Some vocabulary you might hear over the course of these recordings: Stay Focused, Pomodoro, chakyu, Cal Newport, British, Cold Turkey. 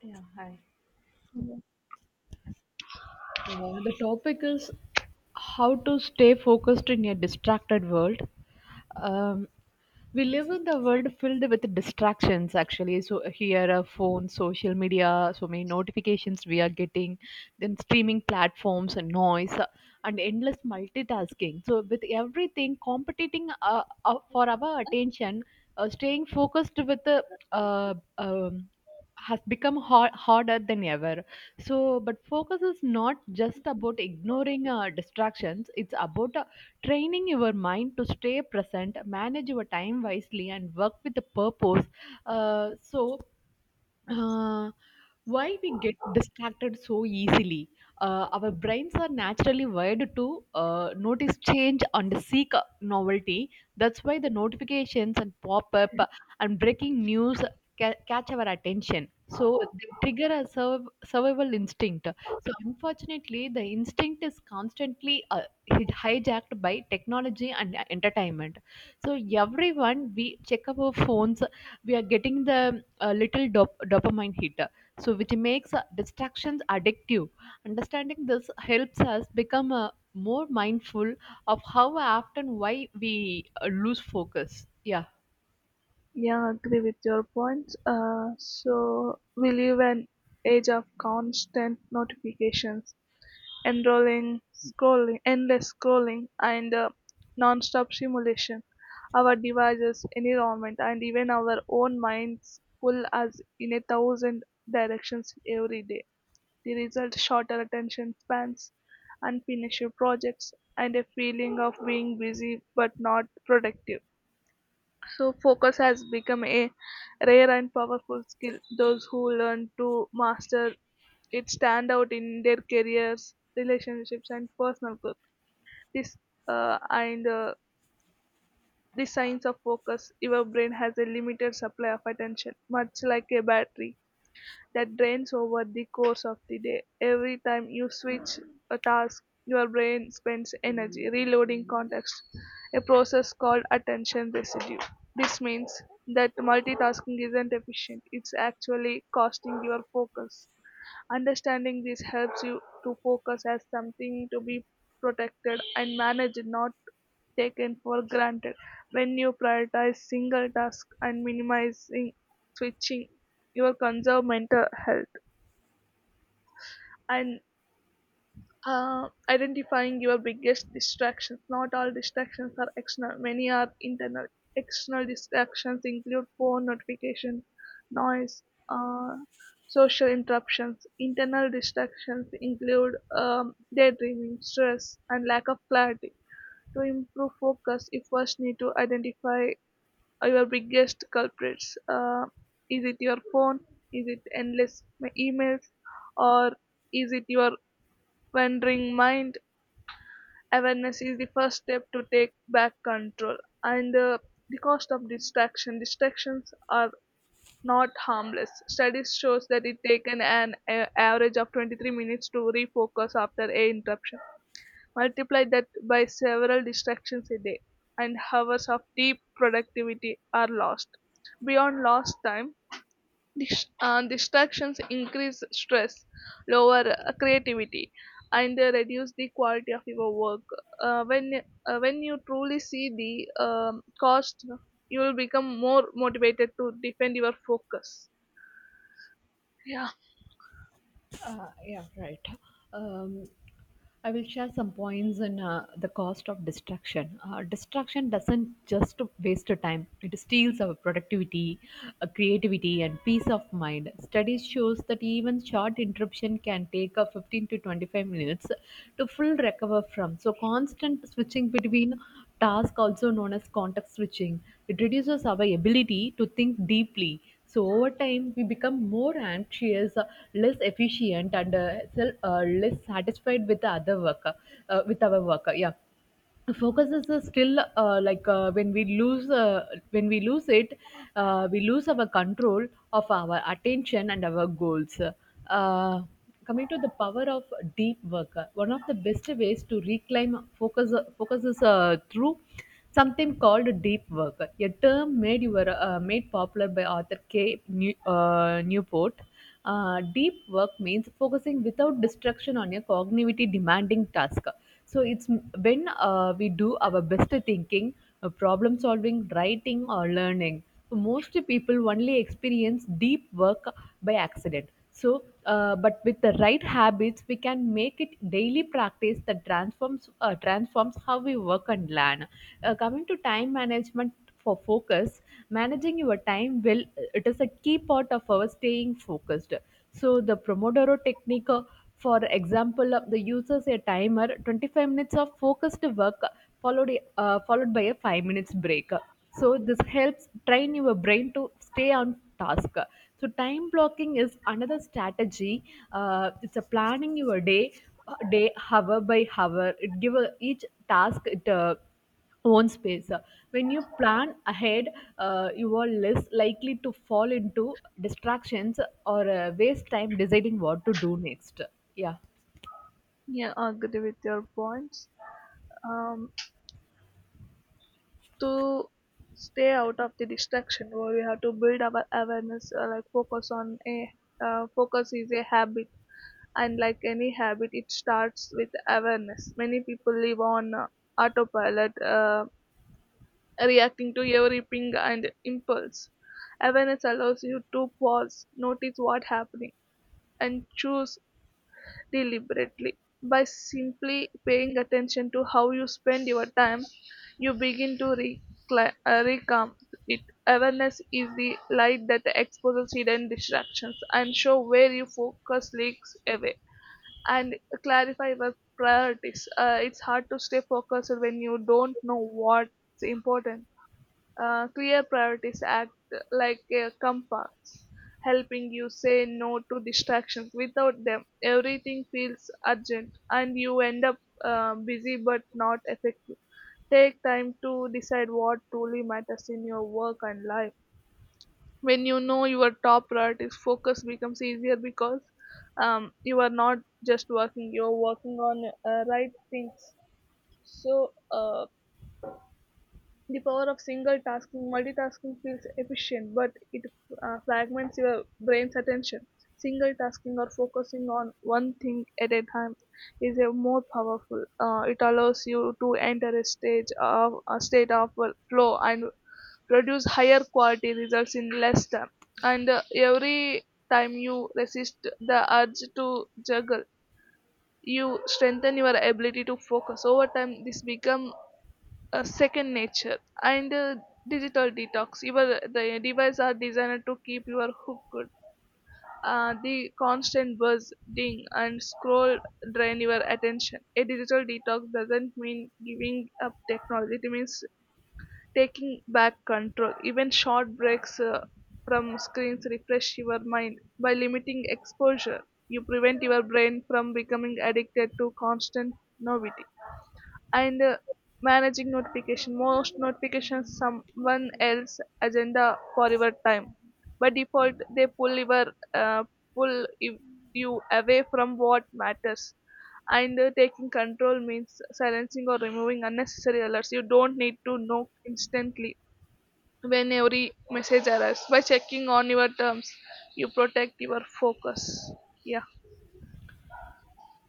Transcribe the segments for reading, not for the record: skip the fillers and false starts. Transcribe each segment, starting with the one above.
Yeah, hi. Yeah, Yeah, the topic is how to stay focused in a distracted world. Um, we live in the world filled with distractions, actually. So here are phones, social media, so many notifications we are getting, then streaming platforms and noise, and endless multitasking. So with everything competing for our attention, staying focused with the uh, um, has become harder than ever. So but focus is not just about ignoring distractions, it's about training your mind to stay present, manage your time wisely, and work with a purpose. Uh, so, uh, why we get distracted so easily. Our brains are naturally wired to notice change and seek novelty. That's why the notifications and pop up and breaking news catch our attention. So they trigger a survival instinct. So unfortunately, the instinct is constantly hijacked by technology and entertainment. So everyone, we check our phones. We are getting the a little dopamine hit, so which makes distractions addictive. Understanding this helps us become more mindful of how often why we lose focus, yeah. agree with your points. So we live an age of constant notifications, enrolling, scrolling, endless scrolling, and non-stop stimulation. Our devices, environment, and even our own minds pull us in a thousand directions every day. The result: shorter attention spans, unfinished projects, and a feeling of being busy but not productive. So, focus has become a rare and powerful skill. Those who learn to master it stand out in their careers, relationships, and personal growth. This and The science of focus. Your brain has a limited supply of attention, much like a battery that drains over the course of the day. Every time you switch a task, your brain spends energy reloading context, a process called attention residue. This means that multitasking isn't efficient, it's actually costing your focus. Understanding this helps you to focus as something to be protected and managed, not taken for granted. When you prioritize single tasks and minimizing switching, you will conserve mental health. And Identifying your biggest distractions. Not all distractions are external, many are internal. External distractions include phone notification, noise, uh, social interruptions. Internal distractions include daydreaming, stress, and lack of clarity. To improve focus, you first need to identify your biggest culprits. Is it your phone? Is it emails? Or is it your wandering mind? Awareness is the first step to take back control. And The cost of Distractions are not harmless. Studies shows that it taken an average of 23 minutes to refocus after a interruption. Multiply that by several distractions a day and hours of deep productivity are lost. Beyond lost time, distractions increase stress, lower creativity, and reduce the quality of your work. When when you truly see the cost, you will become more motivated to defend your focus. Yeah, Yeah, right. Um, I will share some points in the cost of distraction. Distraction doesn't just waste our time, it steals our productivity, creativity, and peace of mind. Studies shows that even short interruption can take 15 to 25 minutes to full recover from. So constant switching between tasks, also known as context switching, it reduces our ability to think deeply. So over time, we become more anxious, less efficient, and less satisfied with the other worker, with our worker. Yeah, focus is still like when we lose it, we lose our control of our attention and our goals. uh, Coming to the power of deep work, one of the best ways to reclaim focus focus is through something called deep work, a term made you were made popular by author newport. Deep work means focusing without distraction on a cognitively demanding task. So when we do our best thinking, problem solving, writing, or learning. So most people only experience deep work by accident. But with the right habits, we can make it daily practice that transforms how we work and learn. Coming to time management for focus, managing your time will, it is a key part of our staying focused. So the Pomodoro technique, for example, the uses a timer, 25 minutes of focused work, followed followed by a 5 minutes break. So this helps train your brain to stay on task. So time blocking is another strategy. It's a planning your day day hour by hour. It give a, each task it. Own space. When you plan ahead, you are less likely to fall into distractions or waste time deciding what to do next. Yeah. yeah, I agree with your points. Um, to stay out of the distraction, where we have to build our awareness, like focus is a habit. And like any habit, it starts with awareness. Many people live on autopilot, reacting to every ping and impulse. Awareness allows you to pause, notice what's happening, and choose deliberately. By simply paying attention to how you spend your time, you begin to recalm it. Awareness is the light that exposes hidden distractions and show where your focus leaks away and clarify your priorities. It's hard to stay focused when you don't know what's important. Clear priorities act like a compass, helping you say no to distractions. Without them, everything feels urgent and you end up busy but not effective. Take time to decide what truly matters in your work and life. When you know your top priorities, focus becomes easier, because you are not just working, you're working on right things. so uh, the power of single tasking. Multitasking feels efficient, but it fragments your brain's attention. Single tasking, or focusing on one thing at a time, is a more powerful. Uh, it allows you to enter a state of flow and produce higher quality results in less time. And Every time you resist the urge to juggle, you strengthen your ability to focus. Over time this become a second nature. And Digital detox. Your the devices are designed to keep your hooked. Uh, the constant buzz, ding and scroll drain your attention. A digital detox doesn't mean giving up technology, it means taking back control. Even short breaks from screens refresh your mind. By limiting exposure, you prevent your brain from becoming addicted to constant novelty. And Managing notification. Most notifications someone else agenda for your time. By default, they pull uh, pull y- you away from what matters. And Taking control means silencing or removing unnecessary alerts. You don't need to know instantly when every message arrives. By checking on your terms, you protect your focus. Yeah,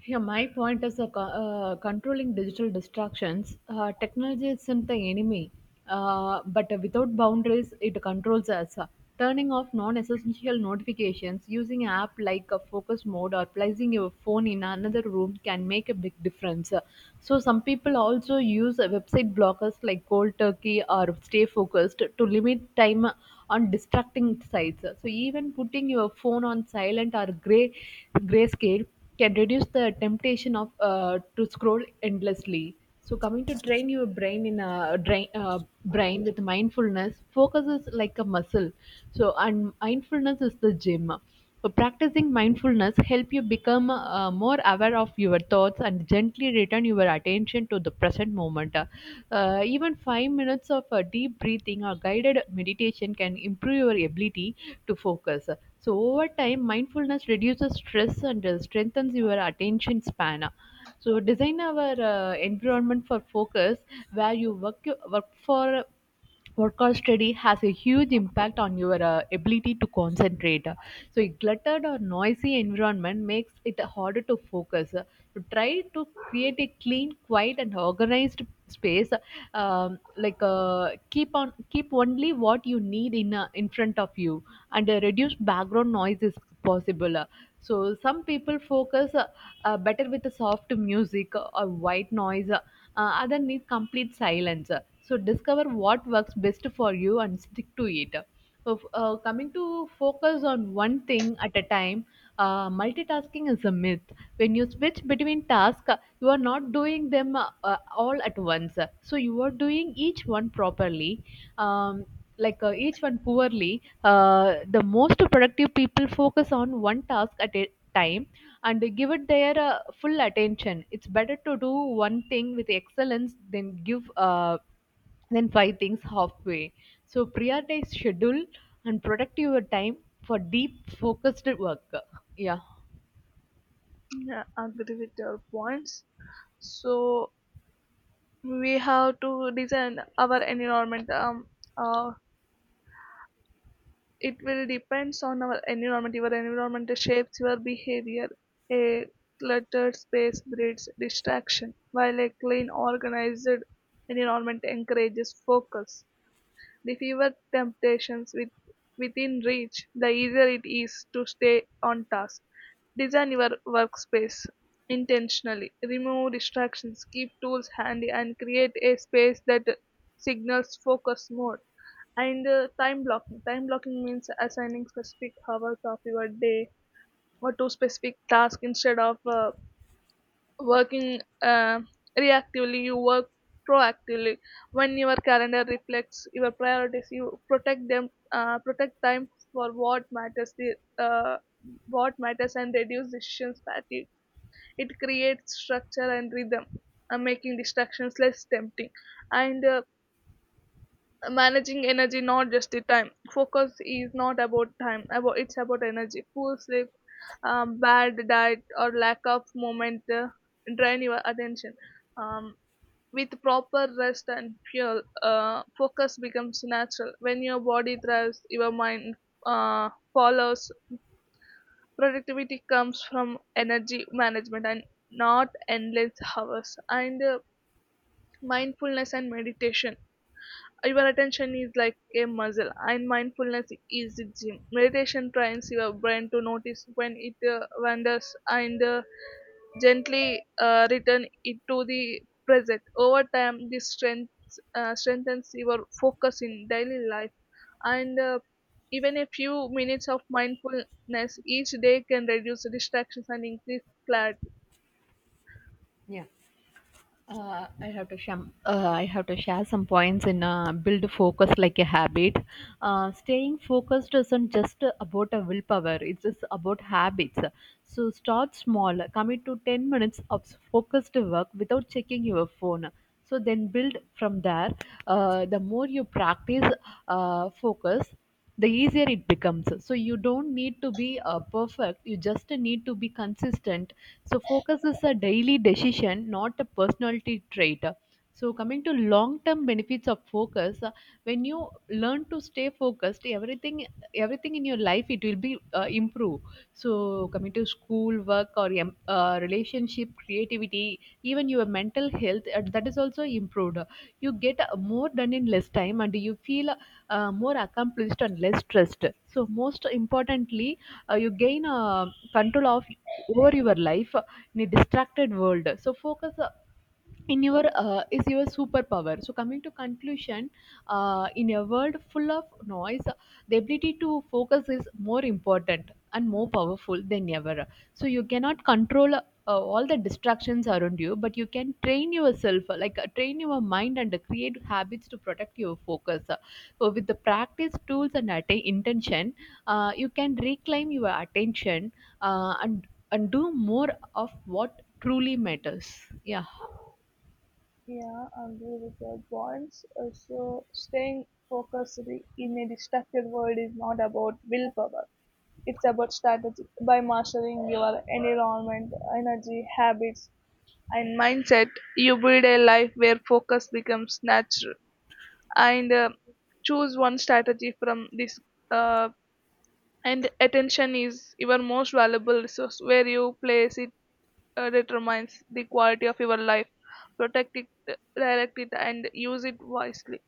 Yeah, my point is controlling digital distractions. Technology isn't the enemy, but without boundaries, it controls us. Turning off non essential notifications, using app like a focus mode, or placing your phone in another room can make a big difference. So some people also use website blockers like Cold Turkey or Stay Focused to limit time on distracting sites. So even putting your phone on silent or grayscale can reduce the temptation of to scroll endlessly. So coming to train your brain in a drain, brain with mindfulness, focus is like a muscle, so and mindfulness is the gym. So practicing mindfulness help you become more aware of your thoughts and gently return your attention to the present moment. Even 5 minutes of deep breathing or guided meditation can improve your ability to focus. So over time, mindfulness reduces stress and strengthens your attention span. So design our environment for focus, where you work work for work or study has a huge impact on your ability to concentrate. So a cluttered or noisy environment makes it harder to focus. So try to create a clean, quiet, and organized space, keep only what you need in front of you, and reduce background noise is possible. So some people focus better with the soft music or white noise, other need complete silence. So discover what works best for you and stick to it. Coming to focus on one thing at a time, multitasking is a myth. When you switch between tasks, you are not doing them all at once. So you are doing each one properly, um, each one poorly. The most productive people focus on one task at a time and they give it their full attention. It's better to do one thing with excellence than give. Then five things halfway. So prioritize, schedule, and protect your time for deep focused work. Yeah. yeah, agree with your points. So we have to design our environment. Uh, it will depends on our environment. Your environment shapes your behavior. A cluttered space breeds distraction, while a clean organized environment encourages focus. The fewer temptations within reach, the easier it is to stay on task. Design your workspace intentionally. Remove distractions, keep tools handy, and create a space that signals focus mode. And Time blocking. Time blocking means assigning specific hours of your day or to specific tasks. Instead of working reactively, you work proactively. When your calendar reflects your priorities, you protect them. Uh, protect time for what matters the uh, what matters and reduce decision fatigue. It creates structure and rhythm, making distractions less tempting. And Managing energy, not just the time. Focus is not about time, about it's about energy. Poor sleep, bad diet, or lack of movement drain your attention. Um, with proper rest and fuel, focus becomes natural. When your body thrives, your mind follows. Productivity comes from energy management and not endless hours. And Mindfulness and meditation. Your attention is like a muscle, and mindfulness is the gym. Meditation trains your brain to notice when it wanders and gently return it to the present. Over time, this strengthens your focus in daily life. And Even a few minutes of mindfulness each day can reduce distractions and increase clarity. Yeah. Uh, I have to share. I have to share some points in build focus like a habit. Staying focused isn't just about a willpower; it's just about habits. So start small. Commit to 10 minutes of focused work without checking your phone. So then build from there. The more you practice focus, the easier it becomes. So you don't need to be perfect, you just need to be consistent. So focus is a daily decision, not a personality trait. So coming to long term benefits of focus, when you learn to stay focused, everything in your life it will be improve. So coming to school work or relationship, creativity, even your mental health, that is also improved. You get more done in less time and you feel more accomplished and less stressed. So most importantly, you gain control of over your life in a distracted world. So focus in your is your superpower. So coming to conclusion, in a world full of noise, the ability to focus is more important and more powerful than ever. So you cannot control all the distractions around you, but you can train yourself, train your mind and create habits to protect your focus. So with the practice tools and intention, you can reclaim your attention, and do more of what truly matters. Yeah. Yeah, I agree with your points. So, staying focused in a distracted world is not about willpower. It's about strategy. By mastering your environment, energy, habits, and mindset, you build a life where focus becomes natural. And Choose one strategy from this. Uh, and attention is your most valuable resource. Where you place it determines the quality of your life. Protect it, direct it, and use it wisely.